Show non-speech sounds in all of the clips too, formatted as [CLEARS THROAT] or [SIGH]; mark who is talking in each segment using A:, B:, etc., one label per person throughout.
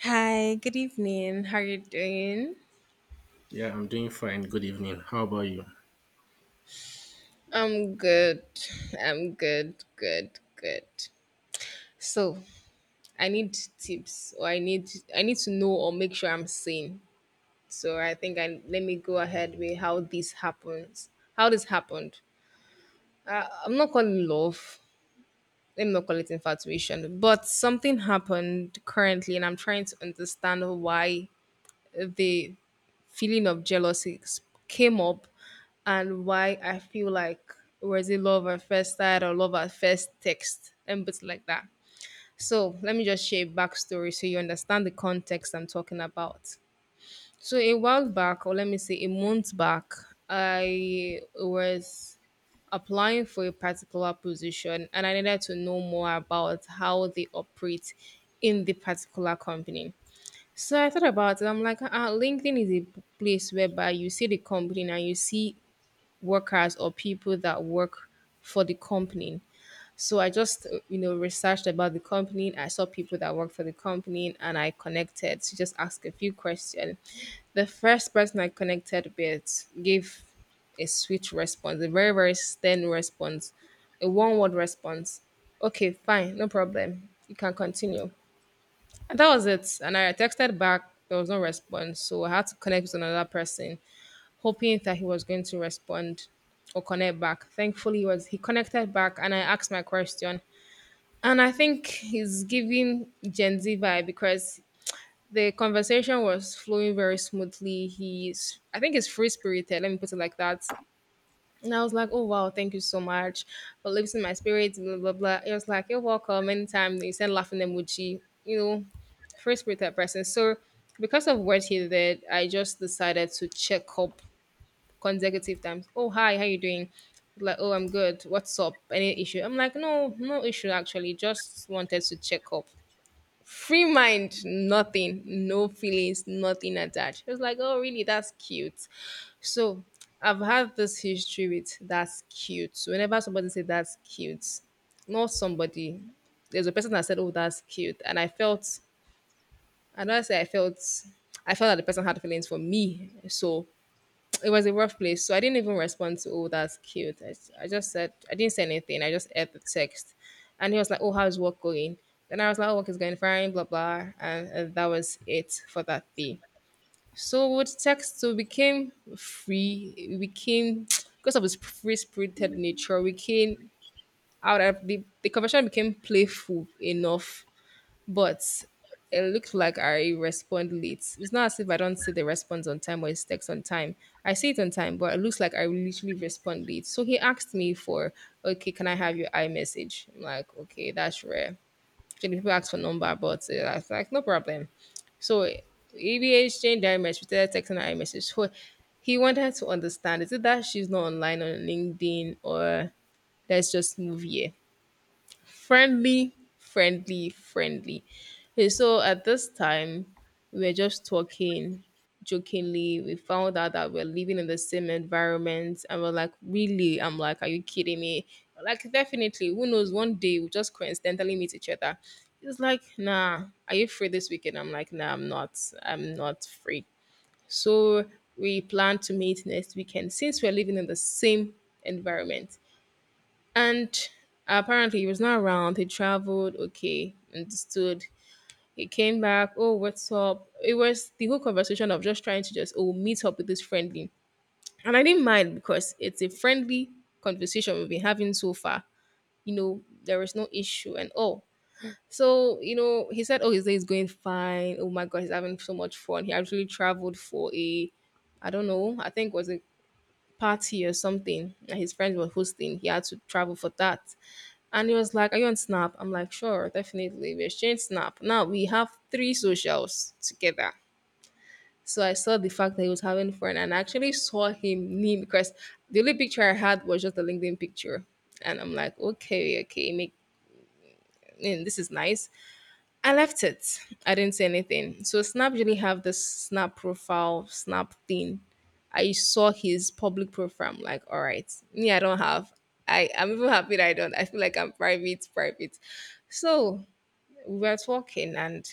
A: Hi, good evening. How are you doing?
B: Yeah, I'm doing fine. Good evening. How about you?
A: I'm good. I'm good, good, good. So, I need tips or I need to know or make sure I'm sane. So, I think I let me go ahead with how this happens. How this happened. I'm not calling love. Let me not call it infatuation, but something happened currently and I'm trying to understand why the feeling of jealousy came up and why I feel like was it love at first sight or love at first text and bits like that. So let me just share a backstory so you understand the context I'm talking about. So a while back, or let me say a month back, I was applying for a particular position and I needed to know more about how they operate in the particular company. So I thought about it. I'm like, LinkedIn is a place whereby you see the company and you see workers or people that work for the company. So I just, researched about the company. I saw people that work for the company and I connected to just ask a few questions. The first person I connected with gave a sweet response, a very, very stern response, a one word response. Okay, fine, no problem. You can continue. And that was it. And I texted back. There was no response. So I had to connect with another person, hoping that he was going to respond or connect back. Thankfully, he connected back and I asked my question. And I think he's giving Gen Z vibe because the conversation was flowing very smoothly. He's I think he's free spirited, let me put it like that. And I was like, oh wow, thank you so much for lifting my spirits, blah blah blah. It was like, you're welcome. Anytime they send laughing emoji, free spirited person. So because of what he did, I just decided to check up consecutive times. Oh hi, how you doing? Like, oh I'm good. What's up? Any issue? I'm like, no, no issue actually. Just wanted to check up. Free mind, nothing, no feelings, nothing attached. It was like, oh really, that's cute. So I've had this history with that's cute. So whenever somebody say that's cute, not somebody, there's a person that said, oh, that's cute. And I felt, I don't say I felt, I felt that the person had feelings for me. So it was a rough place. So I didn't even respond to oh that's cute. I just said I didn't say anything. I just aired the text. And he was like, oh, how's work going? Then I was like, oh, work is going fine, blah blah. And that was it for that day. So with text, so we became free. We became [TSK] because of its free spirited nature. We came out of the conversation became playful enough, but it looked like I respond late. It's not as if I don't see the response on time or his text on time. I see it on time, but it looks like I literally respond late. So he asked me for, okay, can I have your iMessage? I'm like, okay, that's rare. Usually people ask for number, but I was like, no problem. So he we exchanged our message, we started texting our message. So he wanted to understand, is it that she's not online on LinkedIn or let's just move here? Friendly, friendly, friendly. Okay, so at this time, we were just talking jokingly. We found out that we're living in the same environment, and we're like, really? I'm like, are you kidding me? Like, definitely. Who knows? One day we'll just coincidentally meet each other. It's like, nah, are you free this weekend? I'm like, nah, I'm not. I'm not free. So we plan to meet next weekend since we're living in the same environment. And apparently, he was not around. He traveled, okay, understood. He came back. Oh, what's up? It was the whole conversation of just trying to just oh meet up with this friendly, and I didn't mind because it's a friendly conversation we've been having so far. You know, there is no issue and all. So you know, he said, "Oh, his day is going fine. Oh my God, he's having so much fun. He actually traveled for a I don't know, I think it was a party or something that his friends were hosting. He had to travel for that." And he was like, are you on Snap? I'm like, sure, definitely. We exchanged Snap. Now we have three socials together. So I saw the fact that he was having fun and I actually saw him knee because the only picture I had was just the LinkedIn picture. And I'm like, okay, okay, make mm, this is nice. I left it. I didn't say anything. So Snap really have this Snap profile, Snap thing. I saw his public profile. I'm like, all right, me, I don't have. I'm even happy that I don't. I feel like I'm private, private. So we were talking and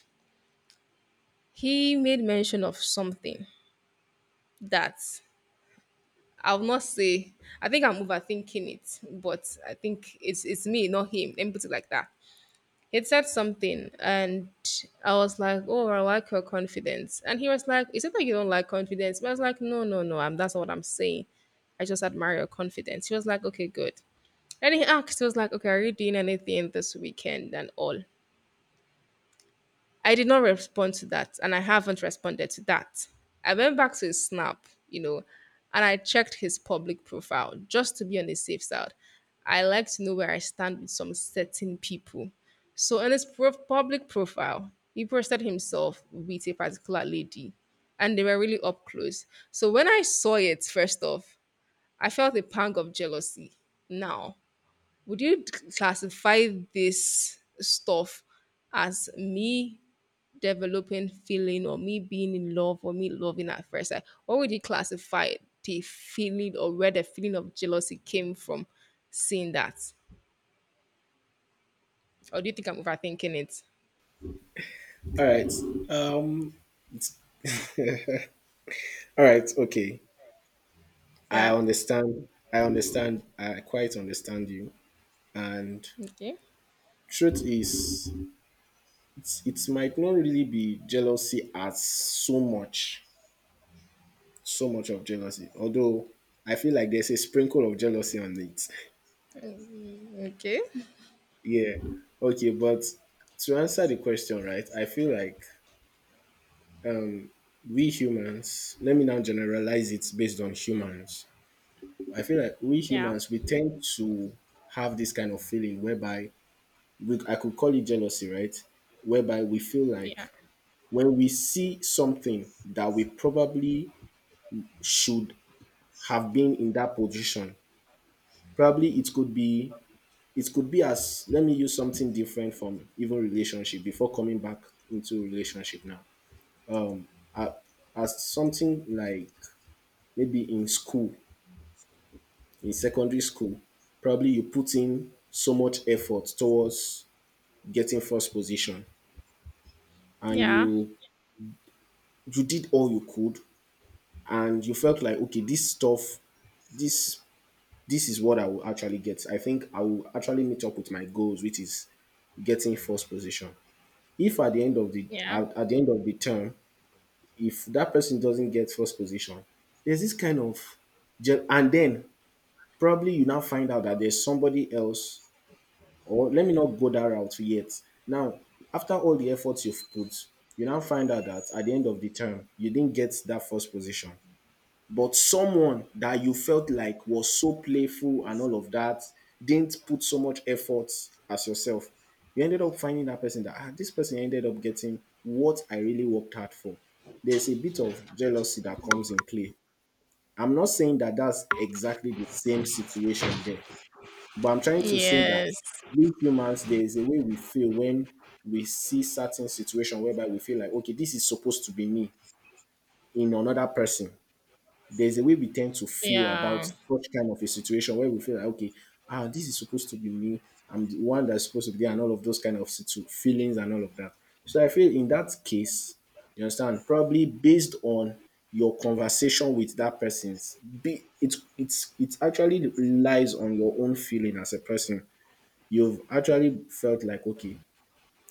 A: he made mention of something that I'll not say. I think I'm overthinking it, but I think it's me, not him. Let me put it like that. He said something, and I was like, "Oh, I like your confidence." And he was like, "Is it that you don't like confidence?" But I was like, "No, no, no. I'm That's not what I'm saying. I just admire your confidence." He was like, "Okay, good." And he asked, he was like, "Okay, are you doing anything this weekend and all?" I did not respond to that, and I haven't responded to that. I went back to his snap, and I checked his public profile just to be on the safe side. I like to know where I stand with some certain people. So, in his public profile, he posted himself with a particular lady, and they were really up close. So, when I saw it, first off, I felt a pang of jealousy. Now, would you classify this stuff as me developing feeling or me being in love or me loving at first sight? What would you classify the feeling or where the feeling of jealousy came from seeing that? Or do you think I'm overthinking it?
B: All right. Um. [LAUGHS] All right. Okay. I
A: Yeah.
B: understand. I quite understand you. And
A: Okay.
B: truth is, it might not really be jealousy as so much, so much of jealousy. Although I feel like there's a sprinkle of jealousy on it.
A: Okay.
B: [LAUGHS] Yeah. Okay. But to answer the question, right? I feel like we humans. Let me now generalize it based on humans. I feel like we
A: Yeah.
B: humans, we tend to have this kind of feeling whereby I could call it jealousy, right? Whereby we feel like
A: Yeah.
B: when we see something that we probably should have been in that position. Probably it could be, it could be as let me use something different from even relationship before coming back into relationship now. Uh, as something like maybe in school, in secondary school, probably you put in so much effort towards getting first position, and
A: Yeah.
B: you did all you could, and you felt like, okay, this stuff this this is what I will actually get. I think I will actually meet up with my goals, which is getting first position. If at the end of the
A: Yeah.
B: at the end of the term, if that person doesn't get first position, there's this kind of and then probably you now find out that there's somebody else. Or let me not go that route yet. Now, after all the efforts you've put, you now find out that at the end of the term, you didn't get that first position. But someone that you felt like was so playful and all of that didn't put so much effort as yourself. You ended up finding that person that, ah, this person ended up getting what I really worked hard for. There's a bit of jealousy that comes in play. I'm not saying that that's exactly the same situation there, but I'm trying to say that
A: Yes.
B: we humans, there is a way we feel when we see certain situation whereby we feel like, okay, this is supposed to be me in another person. There's a way we tend to feel about
A: Yeah.
B: such kind of a situation where we feel like, okay, ah, this is supposed to be me. I'm the one that's supposed to be there, and all of those kind of feelings and all of that. So I feel in that case, you understand? Probably based on your conversation with that person's be it it's it actually relies on your own feeling as a person. You've actually felt like, okay,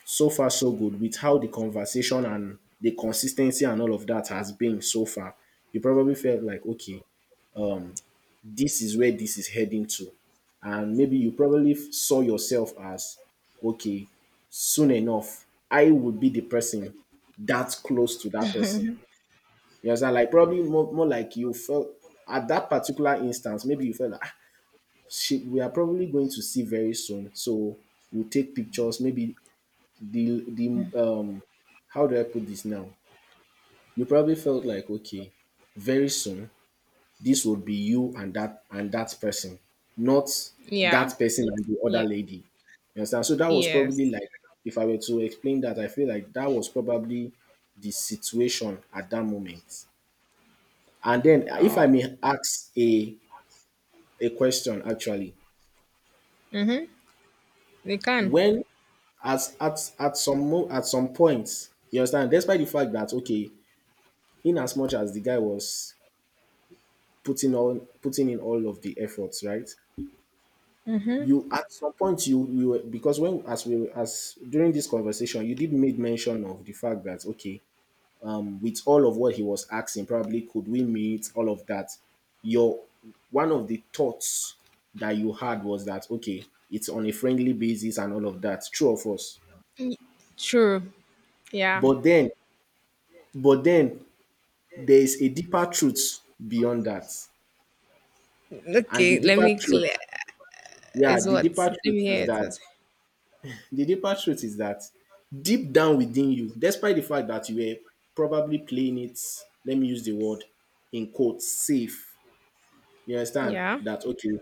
B: so far so good with how the conversation and the consistency and all of that has been so far. You probably felt like, okay, this is where this is heading to. And maybe you probably saw yourself as, okay, soon enough, I would be the person that close to that person. You understand? Like probably more like you felt at that particular instance, maybe you felt like, "Ah, shit, we are probably going to see very soon. So we'll take pictures. Maybe the um how do I put this now?" You probably felt like, okay, very soon this will be you and that person, not
A: Yeah.
B: that person and the
A: Yeah.
B: other lady. You understand? So that was probably
A: Yes.
B: like, if I were to explain that, I feel like that was probably the situation at that moment. And then if I
A: Oh.
B: may ask a question actually,
A: Mm-hmm. They can.
B: when at some at some point, you understand, despite the fact that okay, in as much as the guy was putting in all of the efforts, right, you at some point you because when as we as during this conversation you did made mention of the fact that okay, with all of what he was asking, probably could we meet all of that, your one of the thoughts that you had was that okay, it's on a friendly basis and all of that, true of us,
A: True. Yeah.
B: but then but then there is a deeper truth beyond that, and the
A: Okay, let
B: deeper
A: me clear.
B: truth, yeah,
A: Is
B: the
A: what?
B: deeper
A: Let me
B: truth
A: hear
B: is
A: it.
B: that. The deeper truth is that Deep down within you, despite the fact that you were probably playing it, let me use the word in quotes, safe. You understand
A: Yeah.
B: that? Okay.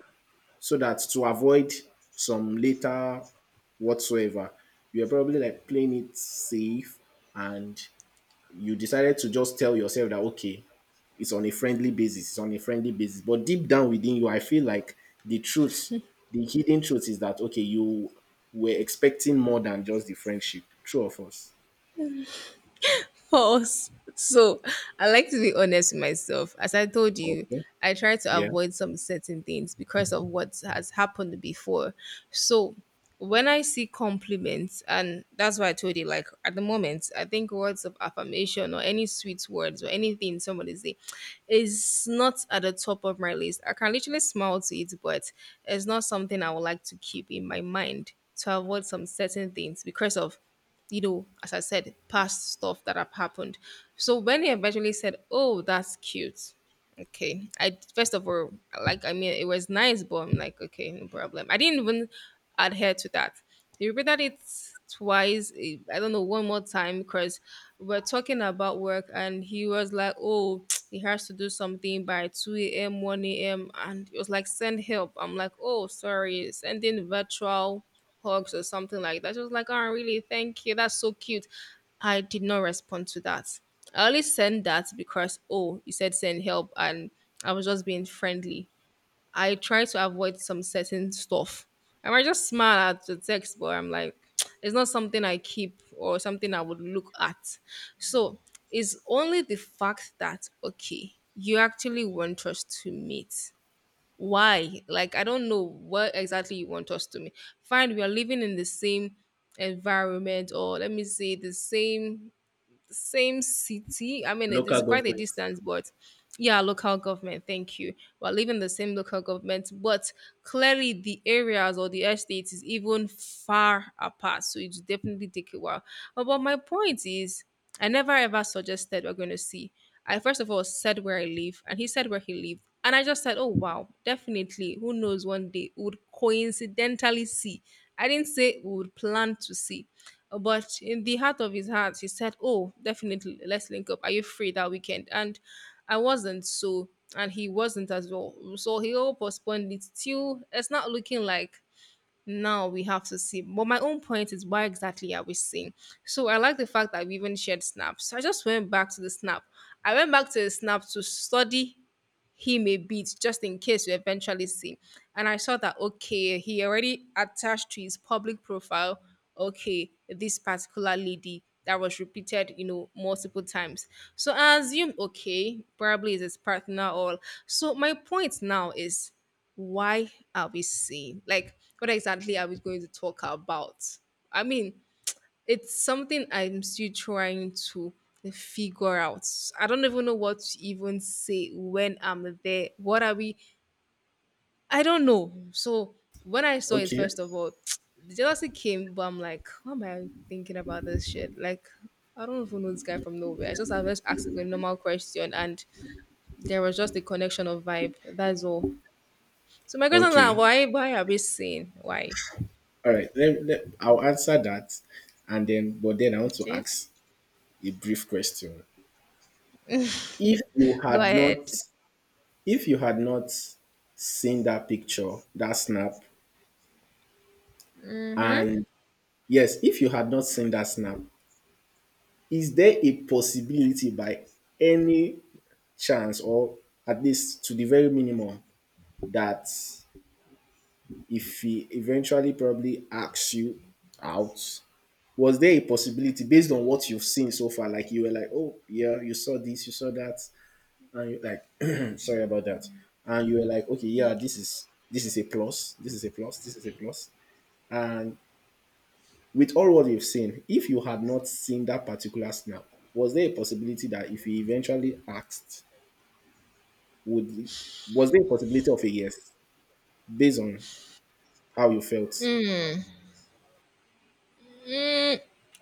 B: So that to avoid some later whatsoever, you are probably like playing it safe, and you decided to just tell yourself that okay, it's on a friendly basis, it's on a friendly basis. But deep down within you, I feel like the truth, the hidden truth is that okay, you were expecting more than just the friendship. True or false?
A: Pause. So I like to be honest with myself. As I told you,
B: Okay.
A: I try to
B: Yeah.
A: avoid some certain things because of what has happened before. So when I see compliments, and that's why I told you, like at the moment, I think words of affirmation or any sweet words or anything somebody say is not at the top of my list. I can literally smile to it, but it's not something I would like to keep in my mind to avoid some certain things because of as I said, past stuff that have happened. So when he eventually said, oh, that's cute, okay. I first of all, like I mean, it was nice, but I'm like, okay, no problem. I didn't even adhere to that. You repeated it twice. I don't know, one more time, because we're talking about work, and he was like, oh, [TSK] he has to do something by two a.m., one a.m., and it was like, send help. I'm like, oh, sorry, sending virtual hugs or something like that. She was like, oh, really? Thank you. That's so cute. I did not respond to that. I only sent that because oh, you said send help and I was just being friendly. I try to avoid some certain stuff. I might just smile at the text, but I'm like, [TSK] it's not something I keep or something I would look at. So it's only the fact that okay, you actually want us to meet. Why? Like I don't know what exactly you want us to meet. Fine, we are living in the same environment or let me say the same city. I mean,
B: Local
A: it is quite a
B: government.
A: distance, but yeah, local government. Thank you. We're living the same local government, but clearly the areas or the estates is even far apart. So it definitely take a while. But my point is, I never ever suggested we're going to see. I first of all said where I live, and he said where he lived. And I just said, oh, wow, definitely. Who knows one day we would coincidentally see. I didn't say we would plan to see. But in the heart of his heart, he said, oh, definitely, let's link up. Are you free that weekend? And I wasn't so, and he wasn't as well. So he all postponed it till it's not looking like now we have to see. But my own point is why exactly are we seeing? So I like the fact that we even shared snaps. So I just went back to the snap. I went back to the snap to study him a bit just in case you eventually see. And I saw that okay, he already attached to his public profile, okay, this particular lady that was repeated, multiple times. So I assume okay, probably is his partner or so my point now is why are we seeing? Like what exactly are we going to talk about? I mean, it's something I'm still trying to figure out. I don't even know what to even say when I'm there. What are we? I don't know. So when I saw it,
B: Okay.
A: first of all, [TSK] the jealousy came, but I'm like, why am I thinking about this shit? Like, I don't even know this guy from nowhere. I was asking a normal question, and there was just a connection of vibe. That's all. So my question is, like,
B: Okay.
A: why? Why are we saying why?
B: All right. I'll answer that. And then, but then I want to
A: Okay,
B: ask a brief question. If you
A: go
B: had not,
A: ahead.
B: if you had not seen that picture, that snap, and yes, if you had not seen that snap, is there a possibility by any chance, or at least to the very minimum, that if he eventually probably asks you out, was there a possibility based on what you've seen so far? Like you were like, oh yeah, you saw this, you saw that, and you like, [CLEARS THROAT] sorry about that, and you were like, okay, yeah, this is a plus, this is a plus, this is a plus, and with all what you've seen, if you had not seen that particular snap, was there a possibility that if you eventually asked, would it- was there a possibility of a yes based on how you felt?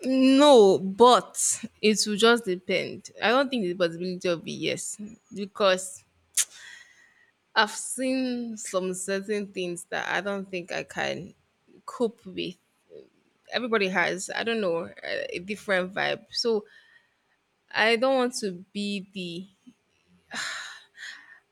A: No, but it will just depend. I don't think the possibility will be yes because I've seen some certain things that I don't think I can cope with. Everybody has, I don't know, a different vibe. So I don't want to be the,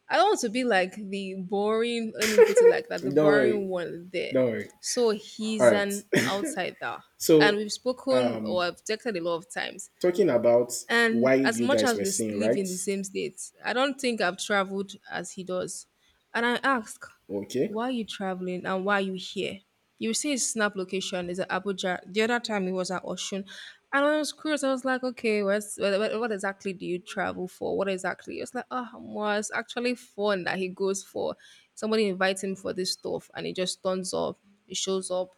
A: I don't want to be like the boring, let me put it like that, the
B: Don't worry,
A: boring one there.
B: don't worry.
A: So
B: All
A: he's
B: right.
A: an
B: [LAUGHS]
A: outsider. And
B: So,
A: we've spoken or
B: um,
A: I've texted a lot of times.
B: talking about
A: And
B: why
A: as
B: you
A: much
B: guys
A: as
B: were
A: we
B: seeing,
A: live in
B: right?
A: the same state, I don't think I've traveled as he does. And I ask,
B: Okay,
A: why are you traveling and why are you here? You see his snap location is at Abuja. The other time he was at Oshun. And I was curious. I was like, okay, what's, what exactly do you travel for? What exactly? It's like, oh, well, it's actually fun that he goes for. Somebody invites him for this stuff and he just turns up. He shows up,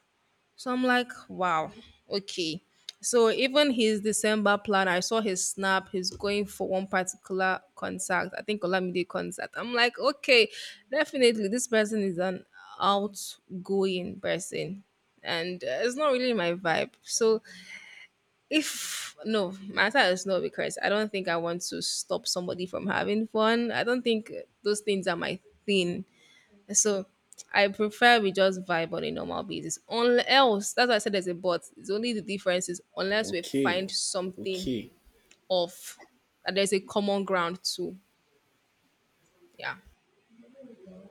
A: so I'm like, wow, okay. So even his December plan, I saw his snap. He's going for one particular concert. I think Olamide concert. I'm like, okay, definitely this person is an outgoing person, and it's not really my vibe. So if no, my answer is no because I don't think I want to stop somebody from having fun. I don't think those things are my thing. So I prefer we just vibe on a normal basis. Unless that's why I said there's a but. It's only the difference is unless we
B: okay,
A: find something
B: okay.
A: of that there's a common ground to. Yeah.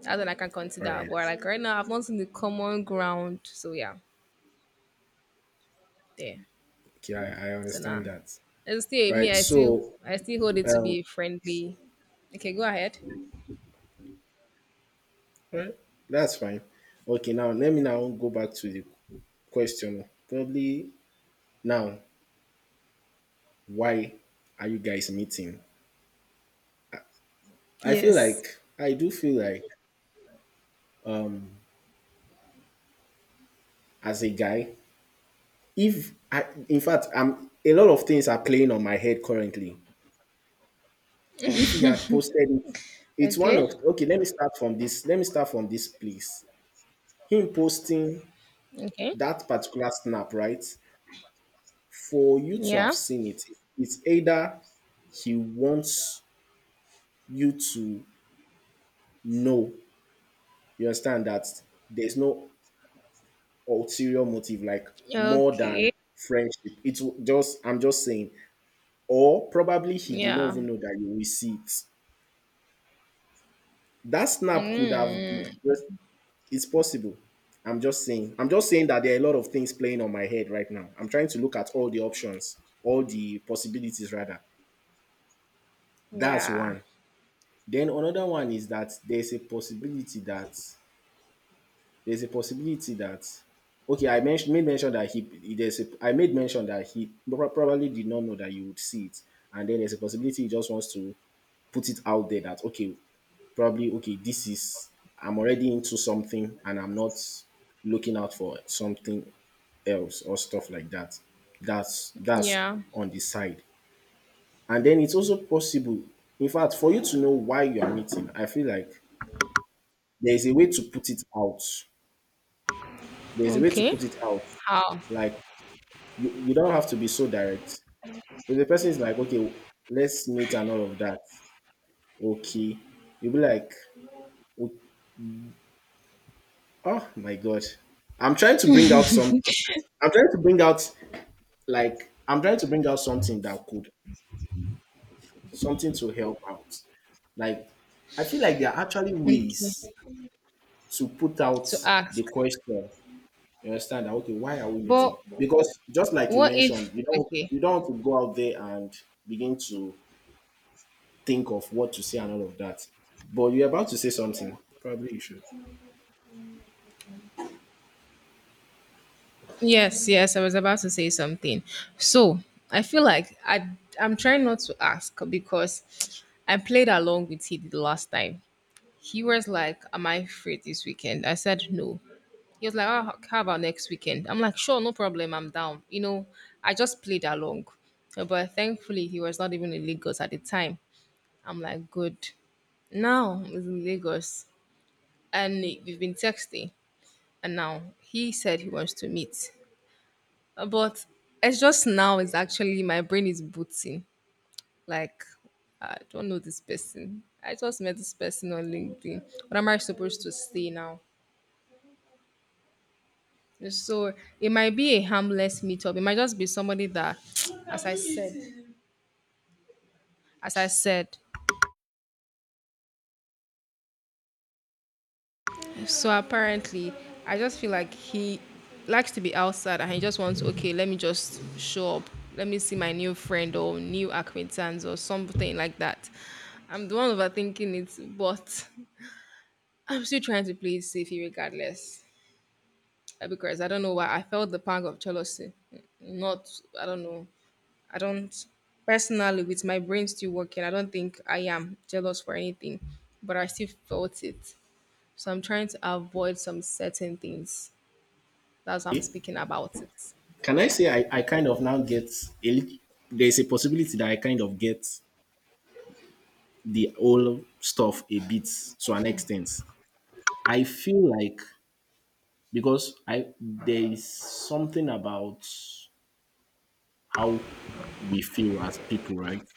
A: That's what I can
B: All
A: consider.
B: right.
A: But like right now, I've not seen the common ground. So yeah, there.
B: Okay, I
A: So now,
B: understand
A: nah,
B: that.
A: it's still
B: All
A: me.
B: right.
A: I still
B: So,
A: I still hold it to
B: um,
A: be a friendly. Okay, go ahead.
B: that's fine. Okay, now let me now go back to the question. Probably now, why are you guys meeting? I feel
A: Yes.
B: like I do feel like, um as a guy, if I in fact I'm, a lot of things are playing on my head currently. If he had posted it, it's one
A: Okay.
B: of, okay, let me start from this. Let me start from this place. Him posting
A: Okay.
B: that particular snap, right? For you to have
A: Yeah.
B: seen it, it's either he wants you to. No. You understand that there's no ulterior motive, like more than
A: Okay.
B: friendship. It's just, I'm just saying, or probably he did not
A: Yeah.
B: even know that you will see it. That snap could have been,
A: Mm.
B: just- it's possible. I'm just saying that there are a lot of things playing on my head right now. I'm trying to look at all the options, all the possibilities, rather. That's
A: Yeah.
B: one. Then another one is that there's a possibility that okay, I made mention that he probably did not know that you would see it, and then there's a possibility he just wants to put it out there that okay, probably okay, this is, I'm already into something and I'm not looking out for something else or stuff like that. That's
A: Yeah.
B: on the side. And then it's also possible, in fact, for you to know why you are meeting, I feel like there is a way to put it out. There is a way to
A: Okay.
B: put it out.
A: How?
B: Like you don't have to be so direct. If the person is like, okay, let's meet and all of that, okay, you'll be like, "O- "oh my god, I'm trying to bring out something. I'm trying to bring out I'm trying to bring out something that could, something to help out." Like I feel like there are actually ways
A: Okay.
B: to put out
A: To
B: the
A: ask.
B: question. You understand that? Okay, why are we
A: But
B: meeting? Because just like you
A: what
B: mentioned,
A: if okay.
B: you don't want to go out there and begin to think of what to say and all of that. But you're about to say something. Probably you should.
A: Yes, yes, I was about to say something. So I feel like I'm trying not to ask because I played along with he the last time. He was like, am I free this weekend? I said no. He was like, oh, how about next weekend? I'm like, sure, no problem, I'm down. I just played along. But thankfully, he was not even in Lagos at the time. I'm like, good. Now he's in Lagos, and we've been texting. And now he said he wants to meet. But it's just now, it's actually my brain is booting. Like, I don't know this person. I just met this person on LinkedIn. What am I supposed to say now? So it might be a harmless meetup. It might just be somebody that, as I said, as I said, so apparently, I just feel like he likes to be outside and he just wants, okay, let me just show up. Let me see my new friend or new acquaintance or something like that. I'm the one overthinking it, but I'm still trying to play it safely regardless. Because I don't know why I felt the pang of jealousy. Not, I don't know. I don't personally with my brain still working, I don't think I am jealous for anything, but I still felt it. So I'm trying to avoid some certain things. That's how I'm speaking about it.
B: Can I say I kind of now get a lit- there's a possibility that I kind of get the whole stuff a bit to an extent. I feel like, because I there is something about how we feel as people, right?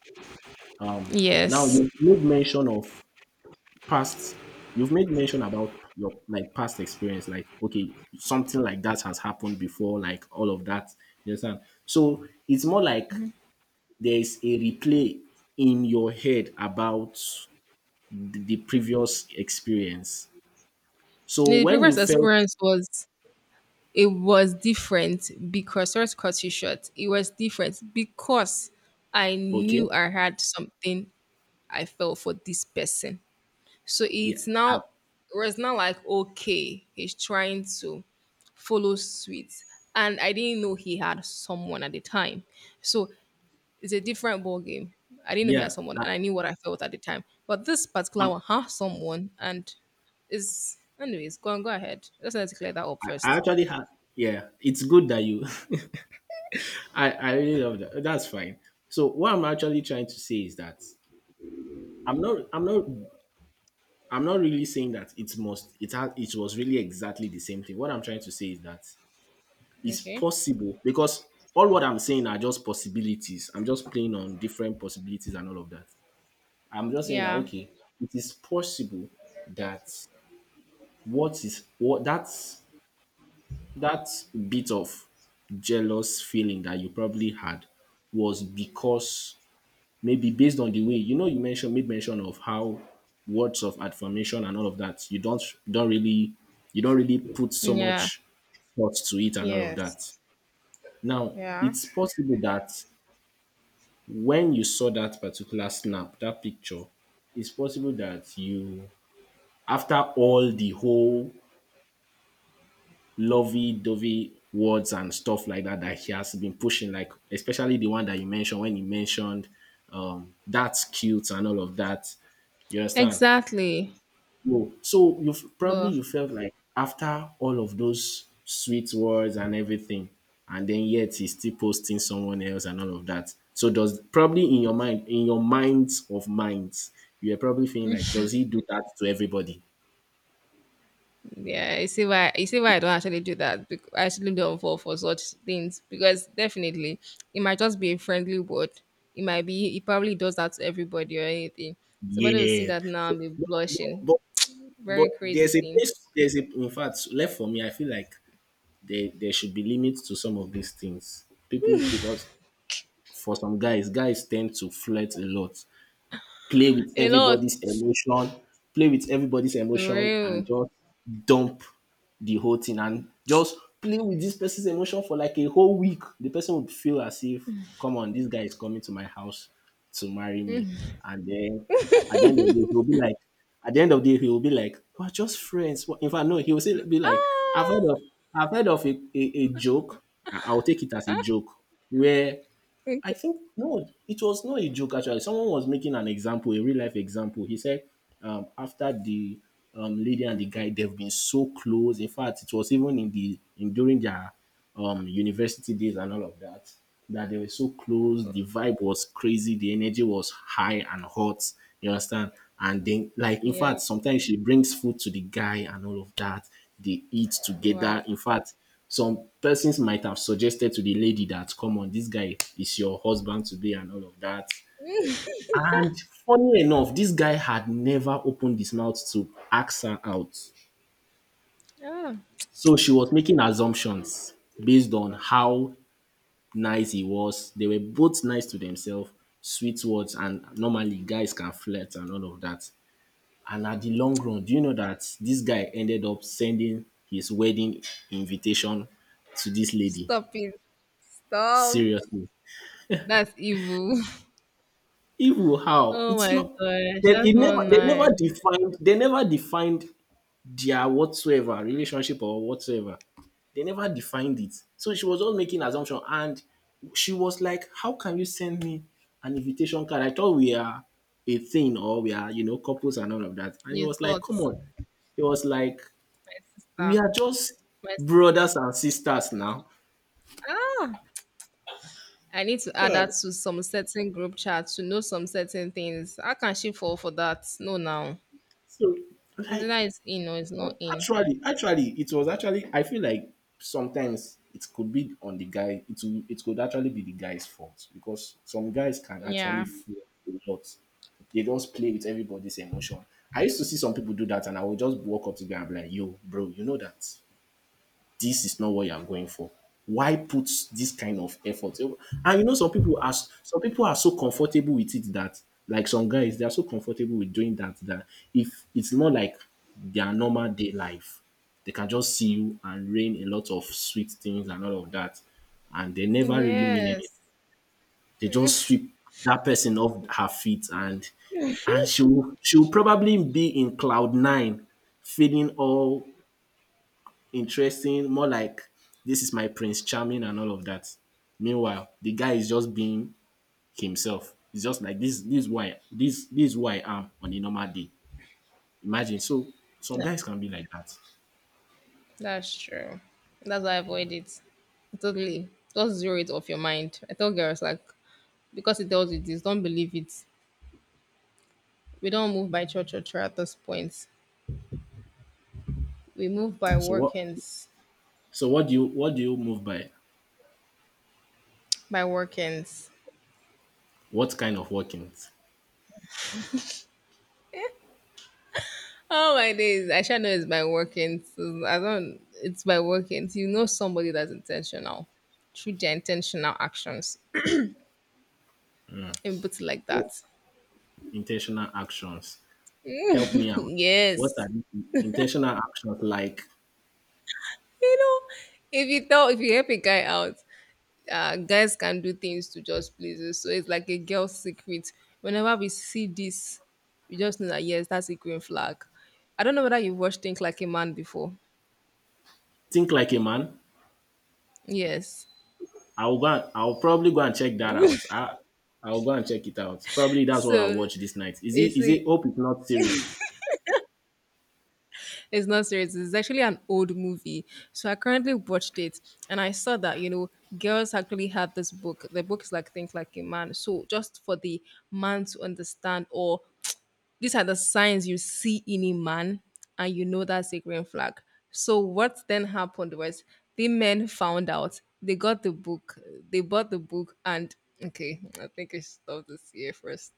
B: Um Now
A: Yes.
B: you made mention of past you've made mention about your like past experience, like okay, something like that has happened before, like all of that. You understand? So it's more like there's a replay in your head about the previous experience. So
A: The
B: when
A: previous
B: you felt
A: experience was it was different because sorry to cut you short. It was different because I
B: okay,
A: knew I had something I felt for this person. So
B: yeah, uh,
A: it was not like okay, he's trying to follow suit. And I didn't know he had someone at the time. So it's a different ball game. I didn't know he had
B: yeah,
A: someone,
B: uh,
A: and I knew what I felt at the time. But this particular
B: um,
A: one has someone, and is anyways. Go on, go ahead. Let's clear that up
B: I
A: first.
B: actually had yeah. It's good that you. [LAUGHS] I really love that. That's fine. So what I'm actually trying to say is that I'm not I'm not I'm not really saying that it must it had it was really exactly the same thing. What I'm trying to say is that it's
A: Okay.
B: possible because all what I'm saying are just possibilities. I'm just playing on different possibilities and all of that. I'm just saying that,
A: Yeah.
B: okay, it is possible that what is what that's that bit of jealous feeling that you probably had was because maybe based on the way, you mentioned made mention of how words of affirmation and all of that you don't really you don't really put so
A: Yeah.
B: much thought to it and all of that.
A: Yes.
B: Now
A: Yeah.
B: it's possible that when you saw that particular snap, that picture, it's possible that you, after all the whole lovey-dovey words and stuff like that that he has been pushing, like especially the one that you mentioned when he mentioned, that's cute and all of that, you understand.
A: Exactly.
B: No. So you probably
A: But
B: you felt like, after all of those sweet words and everything, and then yet he's still posting someone else and all of that. So does probably in your mind, in your minds of minds, you are probably feeling like, does he do that to everybody?
A: yeah, you see why I don't actually do that. I actually don't fall for such things because definitely it might just be a friendly word. It might be he probably does that to everybody or anything. Somebody will see
B: Yeah.
A: that now and
B: So
A: be
B: but,
A: blushing.
B: but, but
A: Very crazy
B: there's a
A: thing.
B: place. There's a, in fact, left for me. I feel like there should be limits to some of these things. People, because for some guys, guys tend to flirt a lot, play with
A: A lot.
B: everybody's emotion, play with everybody's
A: For
B: emotion and
A: real.
B: just dump the whole thing and just play with this person's emotion for like a whole week. The person would feel as if, come on, this guy is coming to my house to marry me. And then at the end of the day, he'll be like, at the end of the day, he'll be like, we're just friends. In fact, no, he'll say, be like, I've
A: Ah.
B: heard of,
A: [LAUGHS]
B: I've heard of a, a joke. I'll take it as a joke where I
A: Okay.
B: think, no, it was not a joke actually. Someone was making an example, a real life example. He said, after the lady and the guy, they've been so close. In fact, it was even in the in during their university days and all of that, that they were so close. The vibe was crazy. The energy was high and hot. You understand? And then, like in
A: Yeah.
B: fact, sometimes she brings food to the guy and all of that. They eat together.
A: Wow.
B: In fact. Some persons might have suggested to the lady that, come on, this guy is your husband to be and all of that. And funny enough, this guy had never opened his mouth to ask her out.
A: Ah.
B: So she was making assumptions based on how nice he was. They were both nice to themselves, sweet words, and normally guys can flirt and all of that. And at the long run, do you know that this guy ended up sending his wedding invitation to this lady?
A: Stop it. Stop.
B: Seriously.
A: That's evil. [LAUGHS]
B: Evil how?
A: Oh
B: It's
A: my
B: not
A: gosh.
B: they,
A: That's
B: it
A: not
B: never, they
A: nice.
B: never defined, they never defined their whatsoever relationship or whatsoever. They never defined it. So she was just making assumption, and she was like, "How can you send me an invitation card? I thought we are a thing, or we are, you know, couples and all of that." And he
A: You
B: was like,
A: thought,
B: "Come on."
A: my
B: He was like, "We
A: sister.
B: are just
A: My s-
B: brothers and sisters now."
A: ah. I need to add
B: God.
A: that to some certain group chat to know some certain things. How can she fall for that? No, now.
B: So,
A: Either
B: like,
A: it's in or it's not
B: no.
A: in.
B: It was actually, I feel like sometimes it could be on the guy. It could actually be the guy's fault because some guys can actually
A: Yeah.
B: feel a lot. They just play with everybody's emotion. I used to see some people do that, and I would just walk up to them and be like, "Yo, bro, you know that, this is not what you are going for. Why put this kind of effort?" And, you know, some people are so comfortable with it that, like, some guys, they are so comfortable with doing that, that if it's not like their normal day life, they can just see you and rain a lot of sweet things and all of that, and they never really mean anything.
A: Yes.
B: They just sweep that person off her feet, and she'll probably be in cloud nine, feeling all interesting, more like this is my Prince Charming and all of that. Meanwhile, the guy is just being himself. It's just like this is why this is who I am on a normal day. Imagine. So some guys can be like that.
A: That's true. That's why I avoid it. Totally. Just zero it off your mind. I tell girls like because it tells you this, don't believe it. We don't move by church or church at this point. We move by
B: So what
A: workings.
B: so what do you move by?
A: By workings.
B: What kind of workings?
A: Oh my days. I shall know it's by workings. I don't It's by workings. You know somebody that's intentional. Through their intentional actions. [CLEARS THROAT] And put it like
B: What
A: that.
B: intentional actions? Help me
A: [LAUGHS]
B: out. What
A: yes.
B: are the intentional actions like?
A: You know, if you help a guy out, guys can do things to just please us. So it's like a girl's secret. Whenever we see this, we just know that yes, that's a green flag. I don't know whether you've watched Think Like a Man before.
B: Think like a man,
A: Yes.
B: I'll go. And I'll probably go and check that out. I'll go and check it out. Probably that's what I'll
A: So
B: watch this night. Is it?
A: it's
B: Is
A: a,
B: it? Hope it's not serious.
A: it's not serious. It's actually an old movie. So I currently watched it, and I saw that, girls actually have this book. The book is like Think Like a Man. So just for the man to understand or these are the signs you see in a man, and you know that's a green flag. So, what then happened was the men found out, they got the book, they bought the book, and okay, I think I should stop this here first.